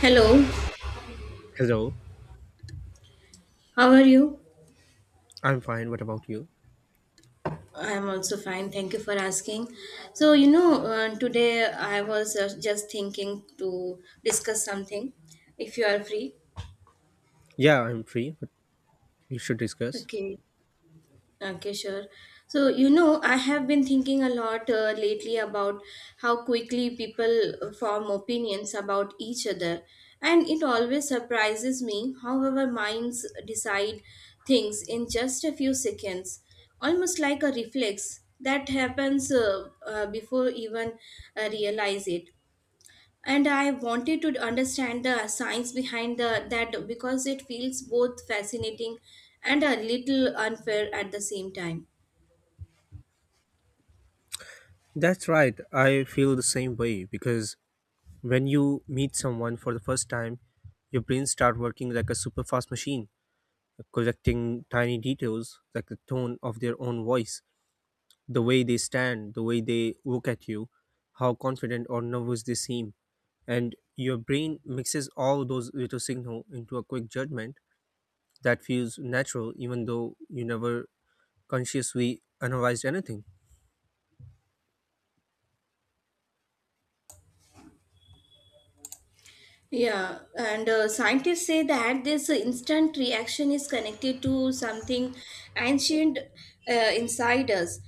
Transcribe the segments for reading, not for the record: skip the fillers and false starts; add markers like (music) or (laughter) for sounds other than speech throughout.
Hello, Hello, how are you? I'm fine. What about you? I am also fine. Thank you for asking. So, today I was just thinking to discuss something if you are free. Yeah, I'm free, but we should discuss. Okay. Okay, sure. So, I have been thinking a lot lately about how quickly people form opinions about each other. And it always surprises me how our minds decide things in just a few seconds, almost like a reflex that happens before even realize it. And I wanted to understand the science behind that because it feels both fascinating and a little unfair at the same time. That's right. I feel the same way because when you meet someone for the first time, your brain start working like a super fast machine, collecting tiny details like the tone of their own voice, the way they stand, the way they look at you, how confident or nervous they seem. And your brain mixes all those little signal into a quick judgment that feels natural even though you never consciously analyzed anything. Yeah, and scientists say that this instant reaction is connected to something ancient, inside us,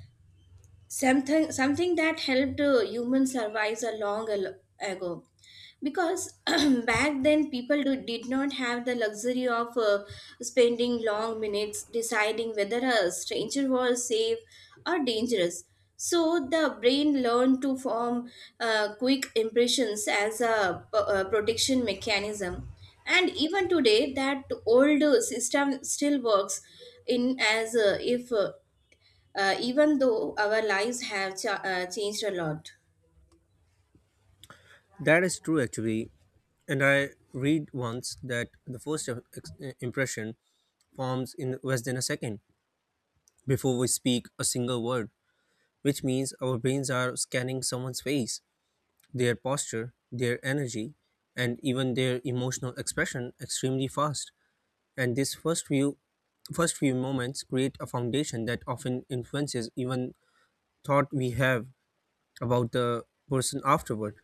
something that helped humans survive a long ago, because (clears throat) back then people did not have the luxury of spending long minutes deciding whether a stranger was safe or dangerous. So the brain learned to form quick impressions as a protection mechanism. And even today that old system still works in as if even though our lives have changed a lot. That is true, actually. And I read once that the first im- ex- eh, impression forms in less than a second before we speak a single word, which means our brains are scanning someone's face, their posture, their energy, and even their emotional expression extremely fast. And first few moments create a foundation that often influences even thought we have about the person afterward.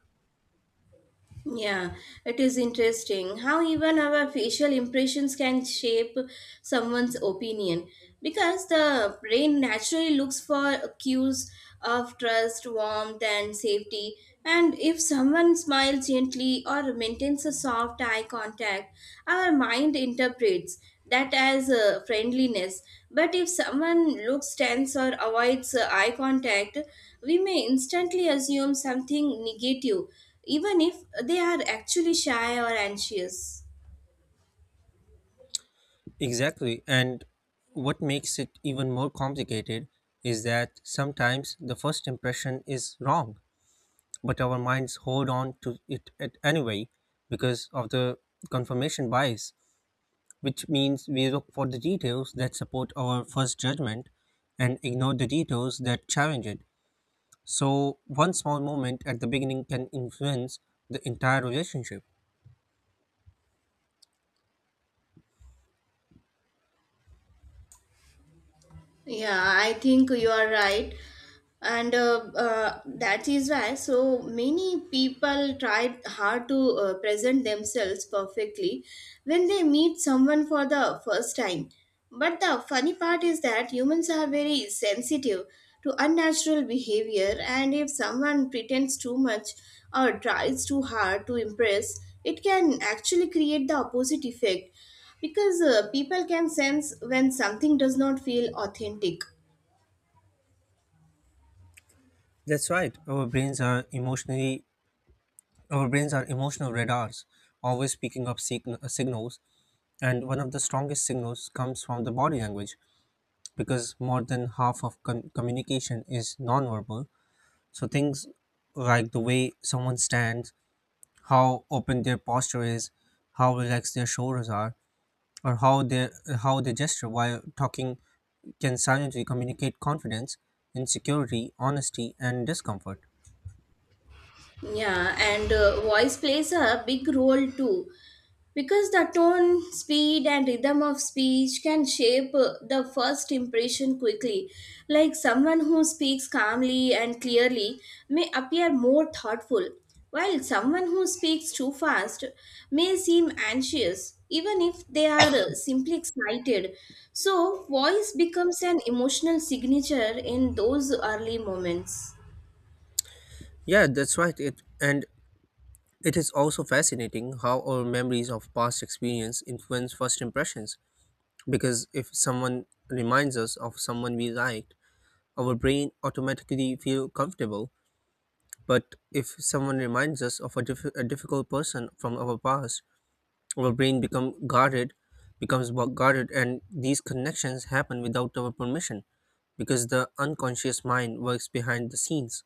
Yeah, it is interesting how even our facial impressions can shape someone's opinion because the brain naturally looks for cues of trust, warmth, and safety. And if someone smiles gently or maintains a soft eye contact, our mind interprets that as friendliness. But if someone looks tense or avoids eye contact, we may instantly assume something negative even if they are actually shy or anxious. Exactly. And what makes it even more complicated is that sometimes the first impression is wrong, but our minds hold on to it at anyway because of the confirmation bias, which means we look for the details that support our first judgment and ignore the details that challenge it. So, one small moment at the beginning can influence the entire relationship. Yeah, I think you are right. And that is why so many people try hard to present themselves perfectly when they meet someone for the first time. But the funny part is that humans are very sensitive to unnatural behavior, and if someone pretends too much or tries too hard to impress, it can actually create the opposite effect because people can sense when something does not feel authentic. That's right. Our brains are emotional radars, always picking up signals, and one of the strongest signals comes from the body language because more than half of communication is nonverbal. So, things like the way someone stands, how open their posture is, how relaxed their shoulders are, or how they gesture while talking can silently communicate confidence, insecurity, honesty, and discomfort. Yeah, and voice plays a big role too because the tone, speed, and rhythm of speech can shape the first impression quickly. Like someone who speaks calmly and clearly may appear more thoughtful, while someone who speaks too fast may seem anxious, even if they are simply excited. So, voice becomes an emotional signature in those early moments. Yeah, that's right. It is also fascinating how our memories of past experience influence first impressions, because if someone reminds us of someone we liked, our brain automatically feel comfortable. But if someone reminds us of a difficult person from our past, our brain become guarded, becomes guarded, and these connections happen without our permission because the unconscious mind works behind the scenes.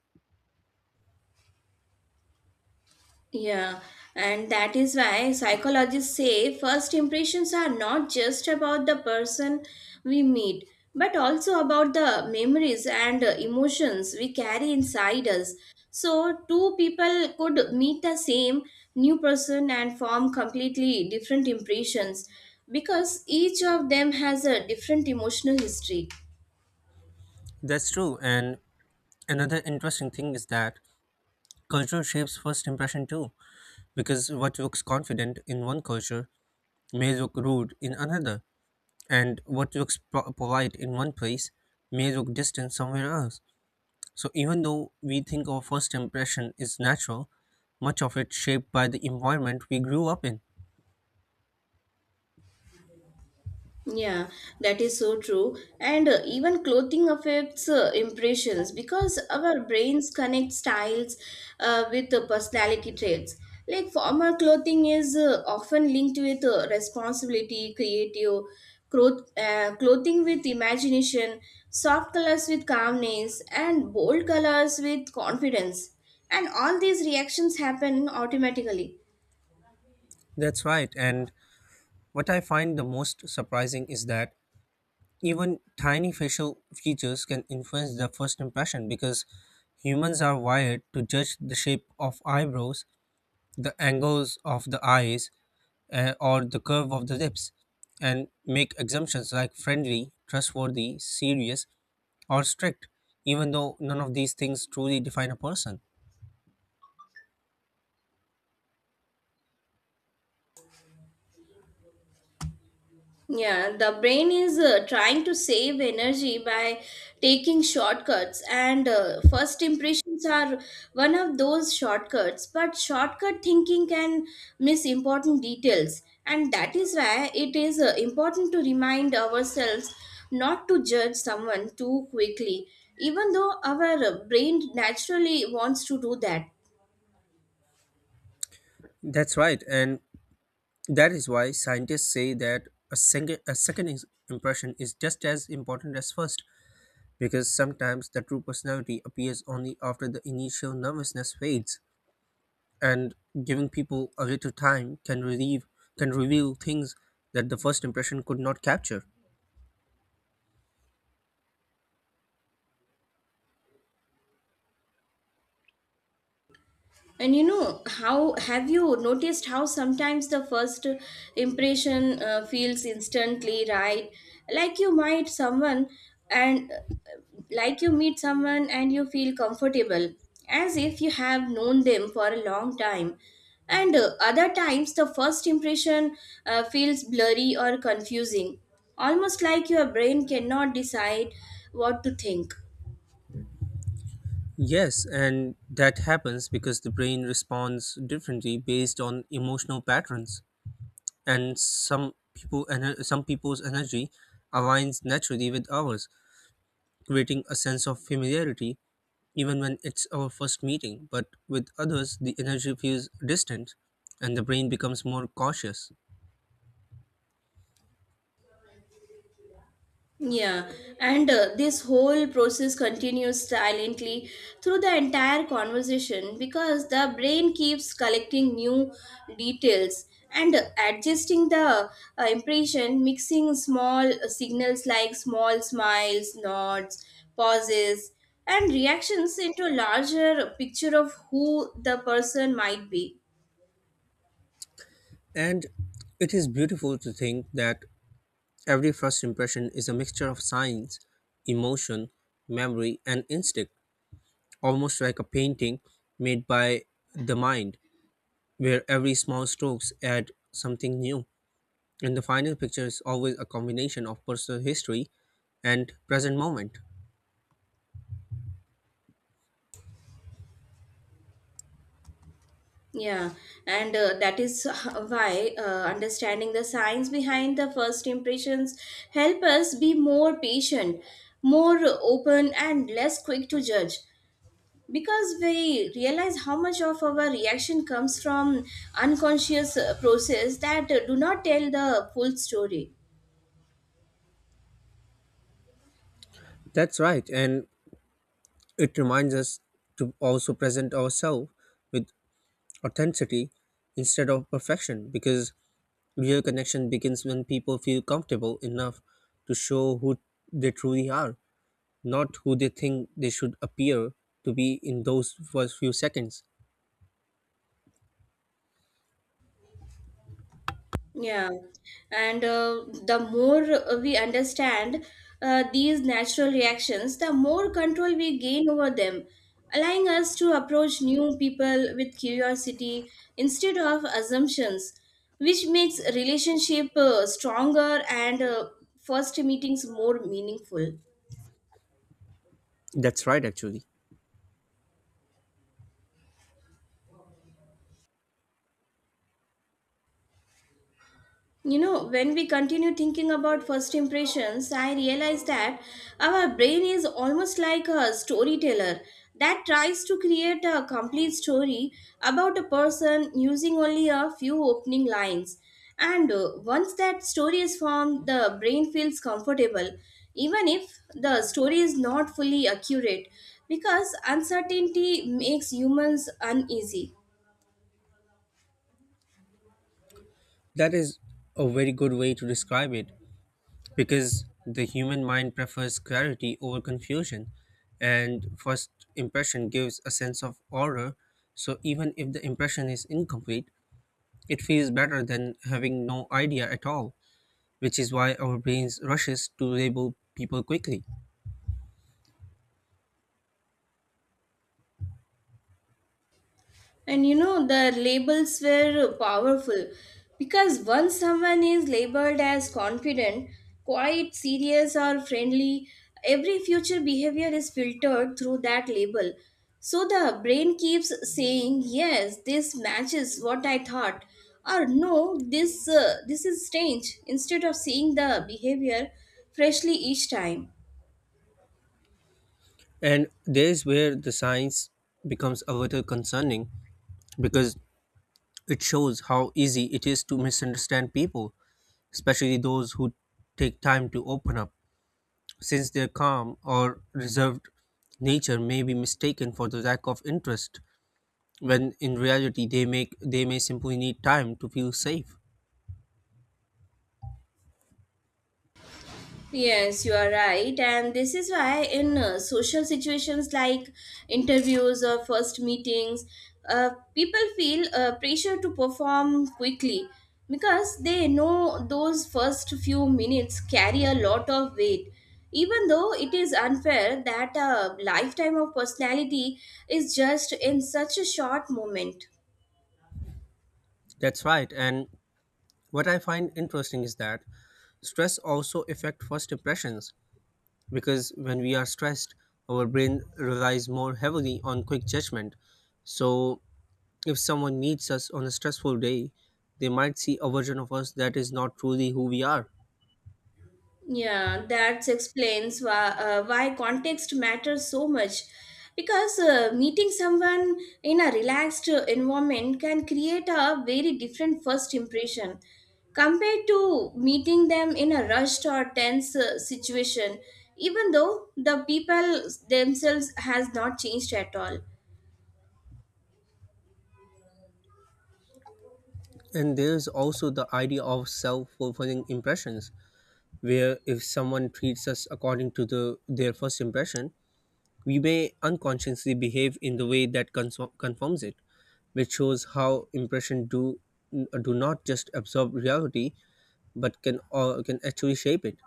Yeah, and that is why psychologists say first impressions are not just about the person we meet, but also about the memories and emotions we carry inside us. So, two people could meet the same new person and form completely different impressions because each of them has a different emotional history. That's true. And another interesting thing is that culture shapes first impression too, because what looks confident in one culture may look rude in another, and what looks polite in one place may look distant somewhere else. So, even though we think our first impression is natural, much of it shaped by the environment we grew up in. Yeah, that is so true. And even clothing affects impressions because our brains connect styles with the personality traits. Like formal clothing is often linked with responsibility, creative growth, clothing with imagination, soft colors with calmness, and bold colors with confidence. And all these reactions happen automatically. That's right, and what I find the most surprising is that even tiny facial features can influence the first impression because humans are wired to judge the shape of eyebrows, the angles of the eyes, or the curve of the lips and make assumptions like friendly, trustworthy, serious, or strict, even though none of these things truly define a person. Yeah, the brain is trying to save energy by taking shortcuts, and first impressions are one of those shortcuts. But shortcut thinking can miss important details, and that is why it is important to remind ourselves not to judge someone too quickly, even though our brain naturally wants to do that. That's right, and that is why scientists say that a second impression is just as important as first, because sometimes the true personality appears only after the initial nervousness fades, and giving people a little time can reveal things that the first impression could not capture. And how have you noticed how sometimes the first impression feels instantly right? Like you might someone and uh, like you meet someone and you feel comfortable as if you have known them for a long time. And other times the first impression feels blurry or confusing, almost like your brain cannot decide what to think. Yes, and that happens because the brain responds differently based on emotional patterns, and some people's energy aligns naturally with ours, creating a sense of familiarity even when it's our first meeting. But with others, the energy feels distant, and the brain becomes more cautious. Yeah, and this whole process continues silently through the entire conversation because the brain keeps collecting new details and adjusting the impression, mixing small signals like small smiles, nods, pauses, and reactions into a larger picture of who the person might be. And it is beautiful to think that every first impression is a mixture of science, emotion, memory, and instinct almost like a painting made by the mind, where every small strokes add something new. And the final picture is always a combination of personal history and present moment. Yeah, and that is (laughs) why understanding the science behind the first impressions help us be more patient, more open and less quick to judge because we realize how much of our reaction comes from unconscious process that do not tell the full story. That's right, and it reminds us to also present ourselves with authenticity instead of perfection because real connection begins when people feel comfortable enough to show who they truly are, not who they think they should appear to be in those first few seconds. Yeah, and the more we understand these natural reactions, the more control we gain over them, allowing us to approach new people with curiosity instead of assumptions, which makes relationship stronger and first meetings more meaningful. That's right, actually. You know, when we continue thinking about first impressions, I realize that our brain is almost like a storyteller that tries to create a complete story about a person using only a few opening lines. And once that story is formed, the brain feels comfortable, even if the story is not fully accurate, because uncertainty makes humans uneasy. That is a very good way to describe it because the human mind prefers clarity over confusion, and first impression gives a sense of order. So, even if the impression is incomplete, it feels better than having no idea at all, which is why our brains rushes to label people quickly. And you know, the labels were powerful because once someone is labeled as confident, quiet, serious, or friendly, every future behavior is filtered through that label. So the brain keeps saying, "Yes, this matches what I thought," or "No, this is strange," instead of seeing the behavior freshly each time. And there's where the science becomes a little concerning because it shows how easy it is to misunderstand people especially those who take time to open up, since their calm or reserved nature may be mistaken for the lack of interest when in reality they may simply need time to feel safe. Yes, you are right. And this is why, in social situations like interviews or first meetings, uh, people feel pressure to perform quickly because they know those first few minutes carry a lot of weight. Even though it is unfair that a lifetime of personality is just in such a short moment. That's right. And what I find interesting is that stress also affect first impressions because when we are stressed our brain relies more heavily on quick judgment so if someone meets us on a stressful day they might see a version of us that is not truly who we are. Yeah, that explains why context matters so much. Because meeting someone in a relaxed environment can create a very different first impression compared to meeting them in a rushed or tense situation, even though the people themselves has not changed at all. And there's also the idea of self-fulfilling impressions, where if someone treats us according to the their first impression, we may unconsciously behave in the way that confirms it, which shows how impression do do not just absorb reality but can actually shape it.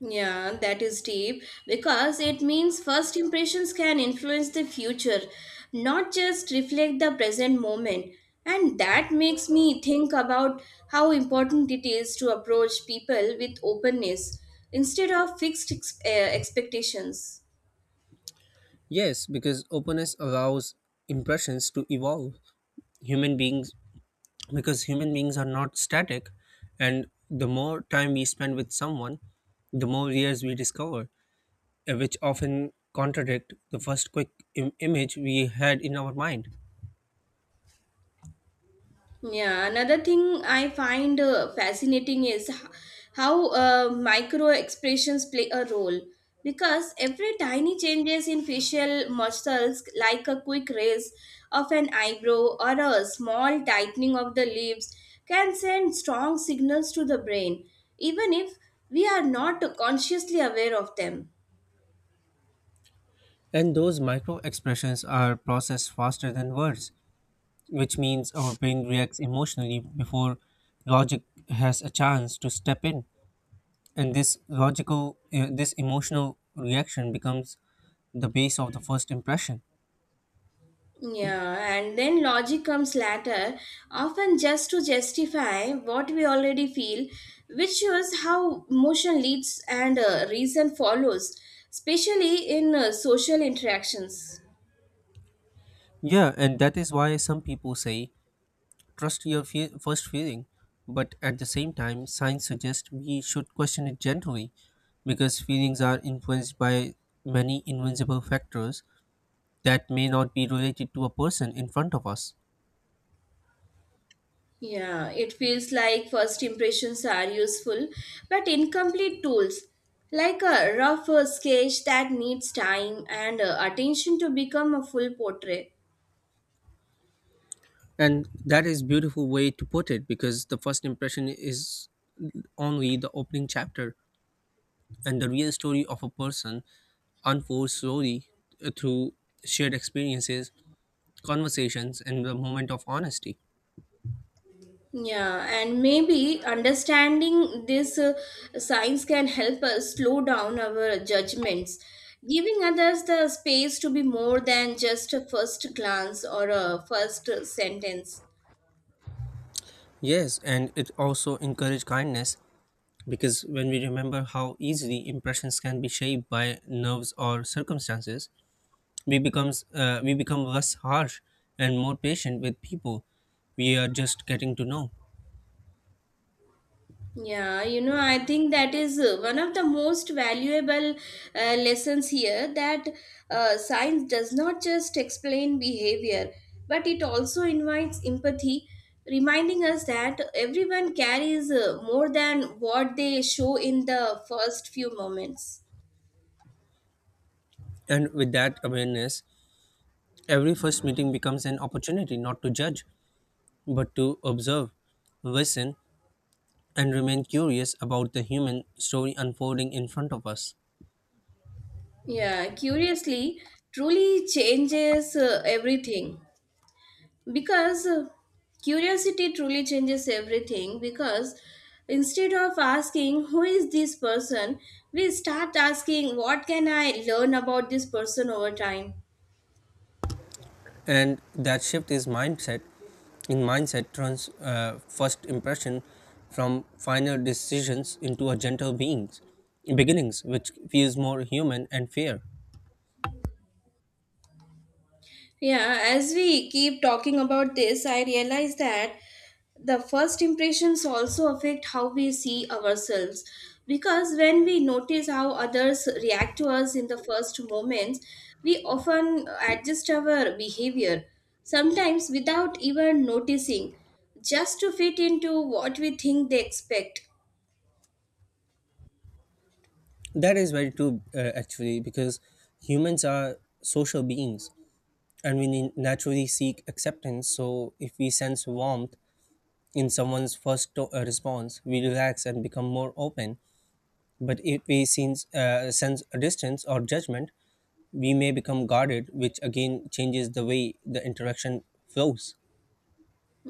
Yeah, that is deep because it means first impressions can influence the future, not just reflect the present moment. And that makes me think about how important it is to approach people with openness instead of fixed expectations. Yes, because openness allows impressions to evolve. Human beings because human beings are not static and the more time we spend with someone, the more layers we discover. Which often contradict the first quick image we had in our mind. Yeah, another thing I find fascinating is how micro expressions play a role because every tiny changes in facial muscles, like a quick raise of an eyebrow or a small tightening of the lips, can send strong signals to the brain, even if we are not consciously aware of them. And those micro expressions are processed faster than words, which means our brain reacts emotionally before logic has a chance to step in. And this this emotional reaction becomes the base of the first impression. Yeah, and then logic comes later, often just to justify what we already feel, which shows how emotion leads and reason follows, especially in social interactions. Yeah, and that is why some people say trust your first feeling, but at the same time, science suggests we should question it gently because feelings are influenced by many invisible factors that may not be related to a person in front of us. Yeah, it feels like first impressions are useful but incomplete tools, like a rough sketch that needs time and attention to become a full portrait. And that is beautiful way to put it because the first impression is only the opening chapter and the real story of a person unfolds slowly through shared experiences, conversations, and the moment of honesty. Yeah, and maybe understanding this science can help us slow down our judgments, giving others the space to be more than just a first glance or a first sentence. Yes, and it also encourages kindness because when we remember how easily impressions can be shaped by nerves or circumstances, we become less harsh and more patient with people we are just getting to know. Yeah, you know, I think that is one of the most valuable lessons here that science does not just explain behavior, but it also invites empathy, reminding us that everyone carries more than what they show in the first few moments. And with that awareness, every first meeting becomes an opportunity not to judge but to observe, listen, and remain curious about the human story unfolding in front of us. Yeah, curiously, truly changes everything. Because Curiosity truly changes everything because instead of asking who is this person, we start asking what can I learn about this person over time. And that shift is mindset in mindset turns first impression from final decisions into a gentle beings beginnings which feels more human and fair. Yeah, as we keep talking about this, I realize that the first impressions also affect how we see ourselves. Because when we notice how others react to us in the first moments, we often adjust our behavior, sometimes without even noticing, just to fit into what we think they expect. That is very true, actually because humans are social beings and we naturally seek acceptance so if we sense warmth in someone's response we relax and become more open but if we sense a distance or judgment we may become guarded, which again changes the way the interaction flows.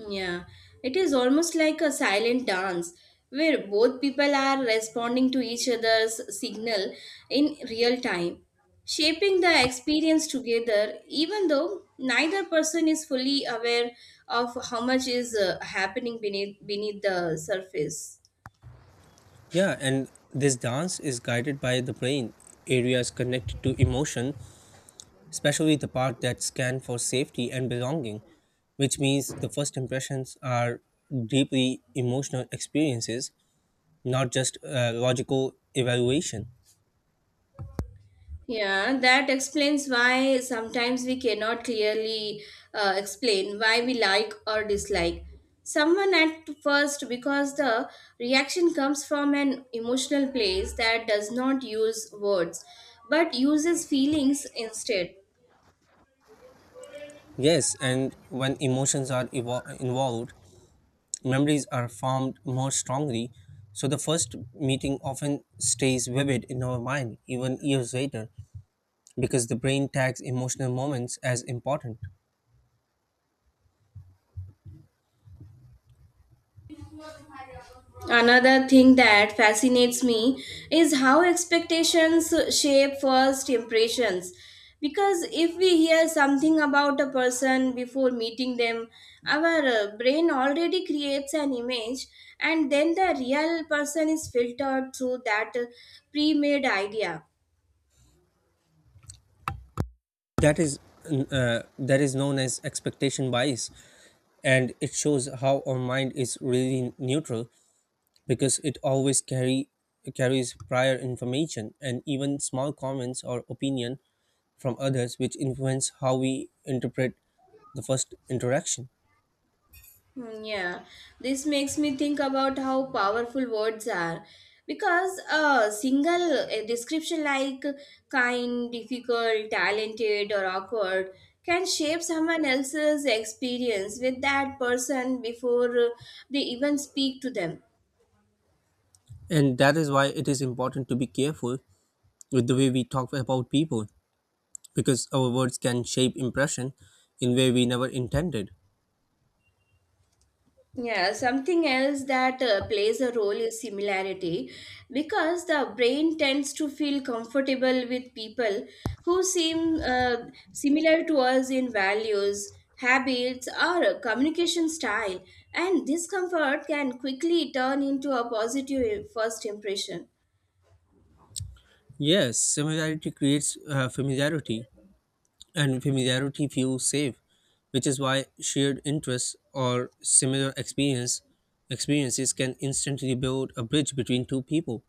Yeah, it is almost like a silent dance where both people are responding to each other's signal in real time, shaping the experience together, even though neither person is fully aware of how much is happening beneath the surface. Yeah, and this dance is guided by the brain, areas connected to emotion, especially the part that scan for safety and belonging, which means the first impressions are deeply emotional experiences, not just logical evaluation. Yeah, that explains why sometimes we cannot clearly explain why we like or dislike someone at first because the reaction comes from an emotional place that does not use words but uses feelings instead. Yes, and when emotions are involved, memories are formed more strongly, so the first meeting often stays vivid in our mind even years later because the brain tags emotional moments as important. Another thing that fascinates me is how expectations shape first impressions. Because if we hear something about a person before meeting them, our brain already creates an image, and then the real person is filtered through that pre made idea. That is that is known as expectation bias, and it shows how our mind is really neutral because it always carry carries prior information and even small comments or opinion from others which influence how we interpret the first interaction. Hmm. Yeah, this makes me think about how powerful words are because a single description like kind, difficult, talented, or awkward can shape someone else's experience with that person before they even speak to them. And that is why it is important to be careful with the way we talk about people, because our words can shape impression in way we never intended. Yeah, something else that plays a role is similarity because the brain tends to feel comfortable with people who seem similar to us in values, habits, or communication style, and discomfort can quickly turn into a positive first impression. Yes, similarity creates familiarity, and familiarity feels safe, which is why shared interests or similar experience experiences can instantly build a bridge between two people.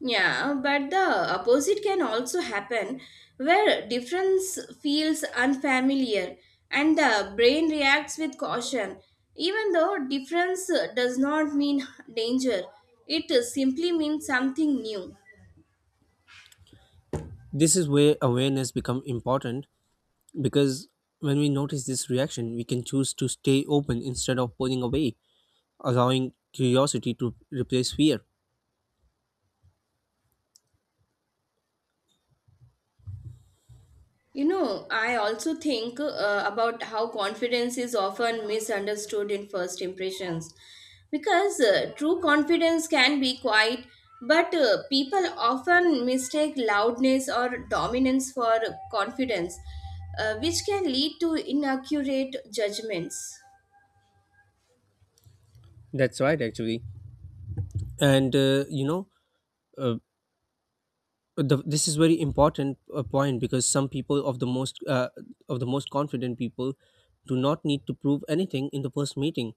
Yeah, but the opposite can also happen where difference feels unfamiliar and the brain reacts with caution. Even though difference does not mean danger, it simply means something new. This is where awareness becomes important because when we notice this reaction, we can choose to stay open instead of pulling away, allowing curiosity to replace fear. You know, I also think about how confidence is often misunderstood in first impressions because true confidence can be quiet, but people often mistake loudness or dominance for confidence, which can lead to inaccurate judgments. That's right, actually. And you know, uh, the, This is very important point because some people of the most confident people do not need to prove anything in the first meeting,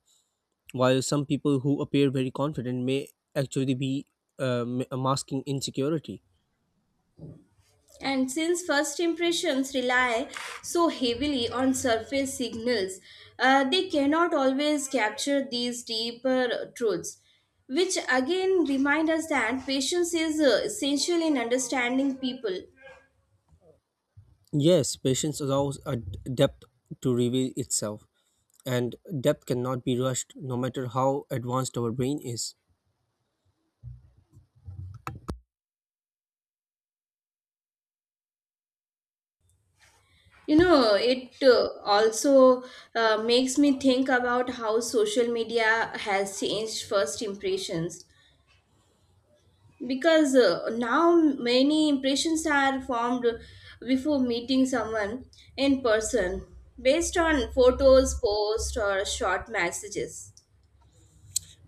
while some people who appear very confident may actually be masking insecurity. And since first impressions rely so heavily on surface signals, they cannot always capture these deeper truths, which again remind us that patience is essential in understanding people. Yes, patience allows a depth to reveal itself, and depth cannot be rushed no matter how advanced our brain is. You know, it also makes me think about how social media has changed first impressions because now many impressions are formed before meeting someone in person, based on photos, posts, or short messages.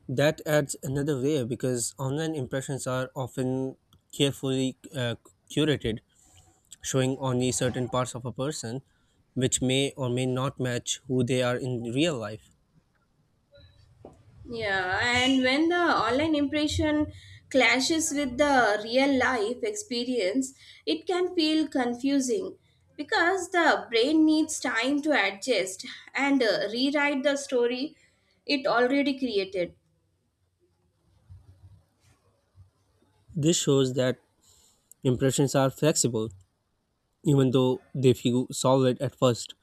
That adds another layer because online impressions are often carefully curated, showing only certain parts of a person, which may or may not match who they are in real life. Yeah, and when the online impression clashes with the real life experience, it can feel confusing because the brain needs time to adjust and rewrite the story it already created. This shows that impressions are flexible, even though they feel solid at first.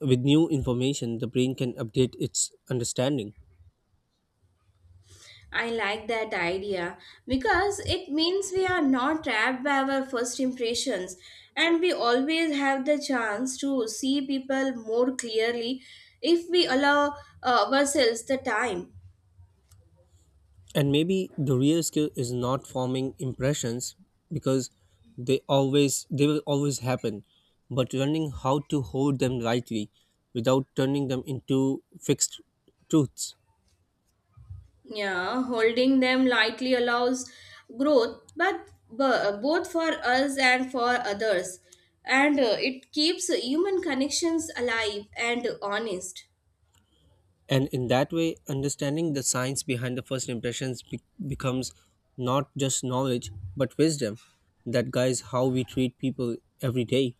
With new information, the brain can update its understanding. I like that idea because it means we are not trapped by our first impressions and we always have the chance to see people more clearly if we allow ourselves the time. And maybe the real skill is not forming impressions because they will always happen, but learning how to hold them rightly without turning them into fixed truths. Yeah, holding them lightly allows growth, but both for us and for others, and it keeps human connections alive and honest. And in that way, understanding the science behind the first impressions becomes not just knowledge but wisdom that guides how we treat people every day.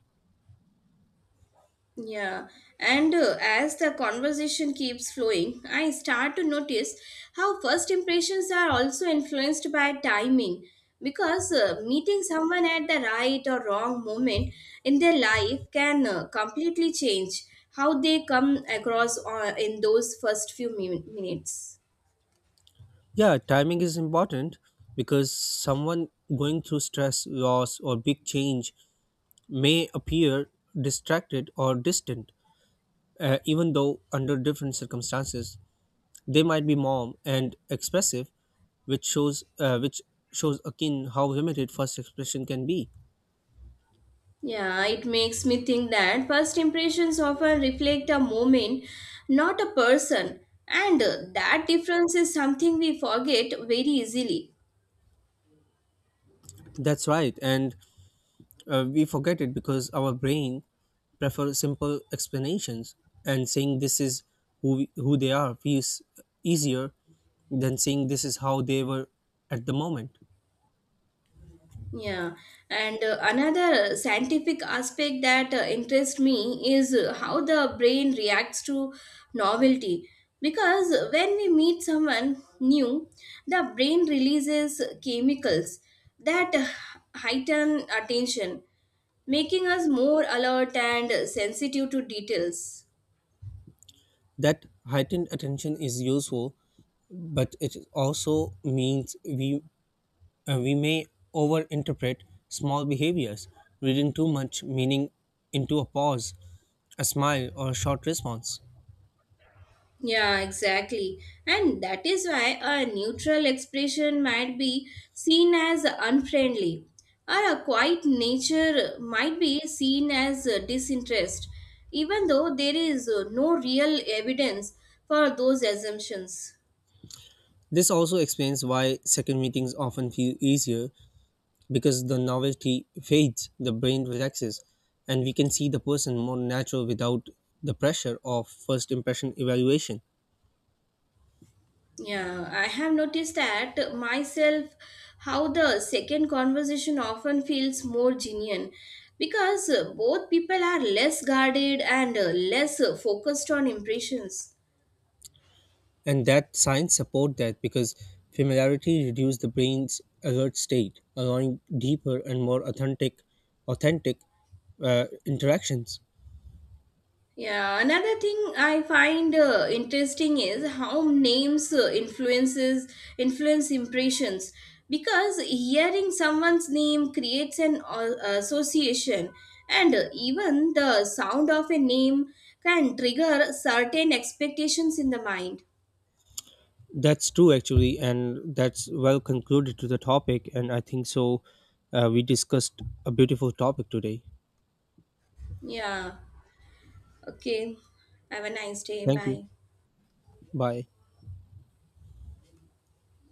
Yeah, and as the conversation keeps flowing, I start to notice how first impressions are also influenced by timing. Because meeting someone at the right or wrong moment in their life can completely change how they come across in those first few minutes. Yeah, timing is important because someone going through stress, loss, or big change may appear distracted or distant, even though under different circumstances. They might be warm and expressive, which shows akin how limited first expression can be. Yeah, it makes me think that first impressions often reflect a moment, not a person. And that difference is something we forget very easily. That's right, and we forget it because our brain prefers simple explanations, and saying this is who they are feels easier than saying this is how they were at the moment. Yeah, and another scientific aspect that interests me is how the brain reacts to novelty. Because when we meet someone new, the brain releases chemicals that heighten attention, making us more alert and sensitive to details. That heightened attention is useful but it also means we may overinterpret small behaviors, reading too much meaning into a pause, a smile, or a short response. Yeah, exactly. And that is why a neutral expression might be seen as unfriendly, or a quiet nature might be seen as disinterest, even though there is no real evidence for those assumptions. This also explains why second meetings often feel easier because the novelty fades, the brain relaxes, and we can see the person more natural without the pressure of first impression evaluation. Yeah, I have noticed that myself, how the second conversation often feels more genuine because both people are less guarded and less focused on impressions. And that science support that because familiarity reduces the brain's alert state allowing deeper and more authentic interactions. Yeah, another thing I find interesting is how names influence impressions because hearing someone's name creates an association and even the sound of a name can trigger certain expectations in the mind. That's true actually and that's well concluded to the topic and I think so we discussed a beautiful topic today. Yeah, okay. Have a nice day. Thank you. Bye. Bye.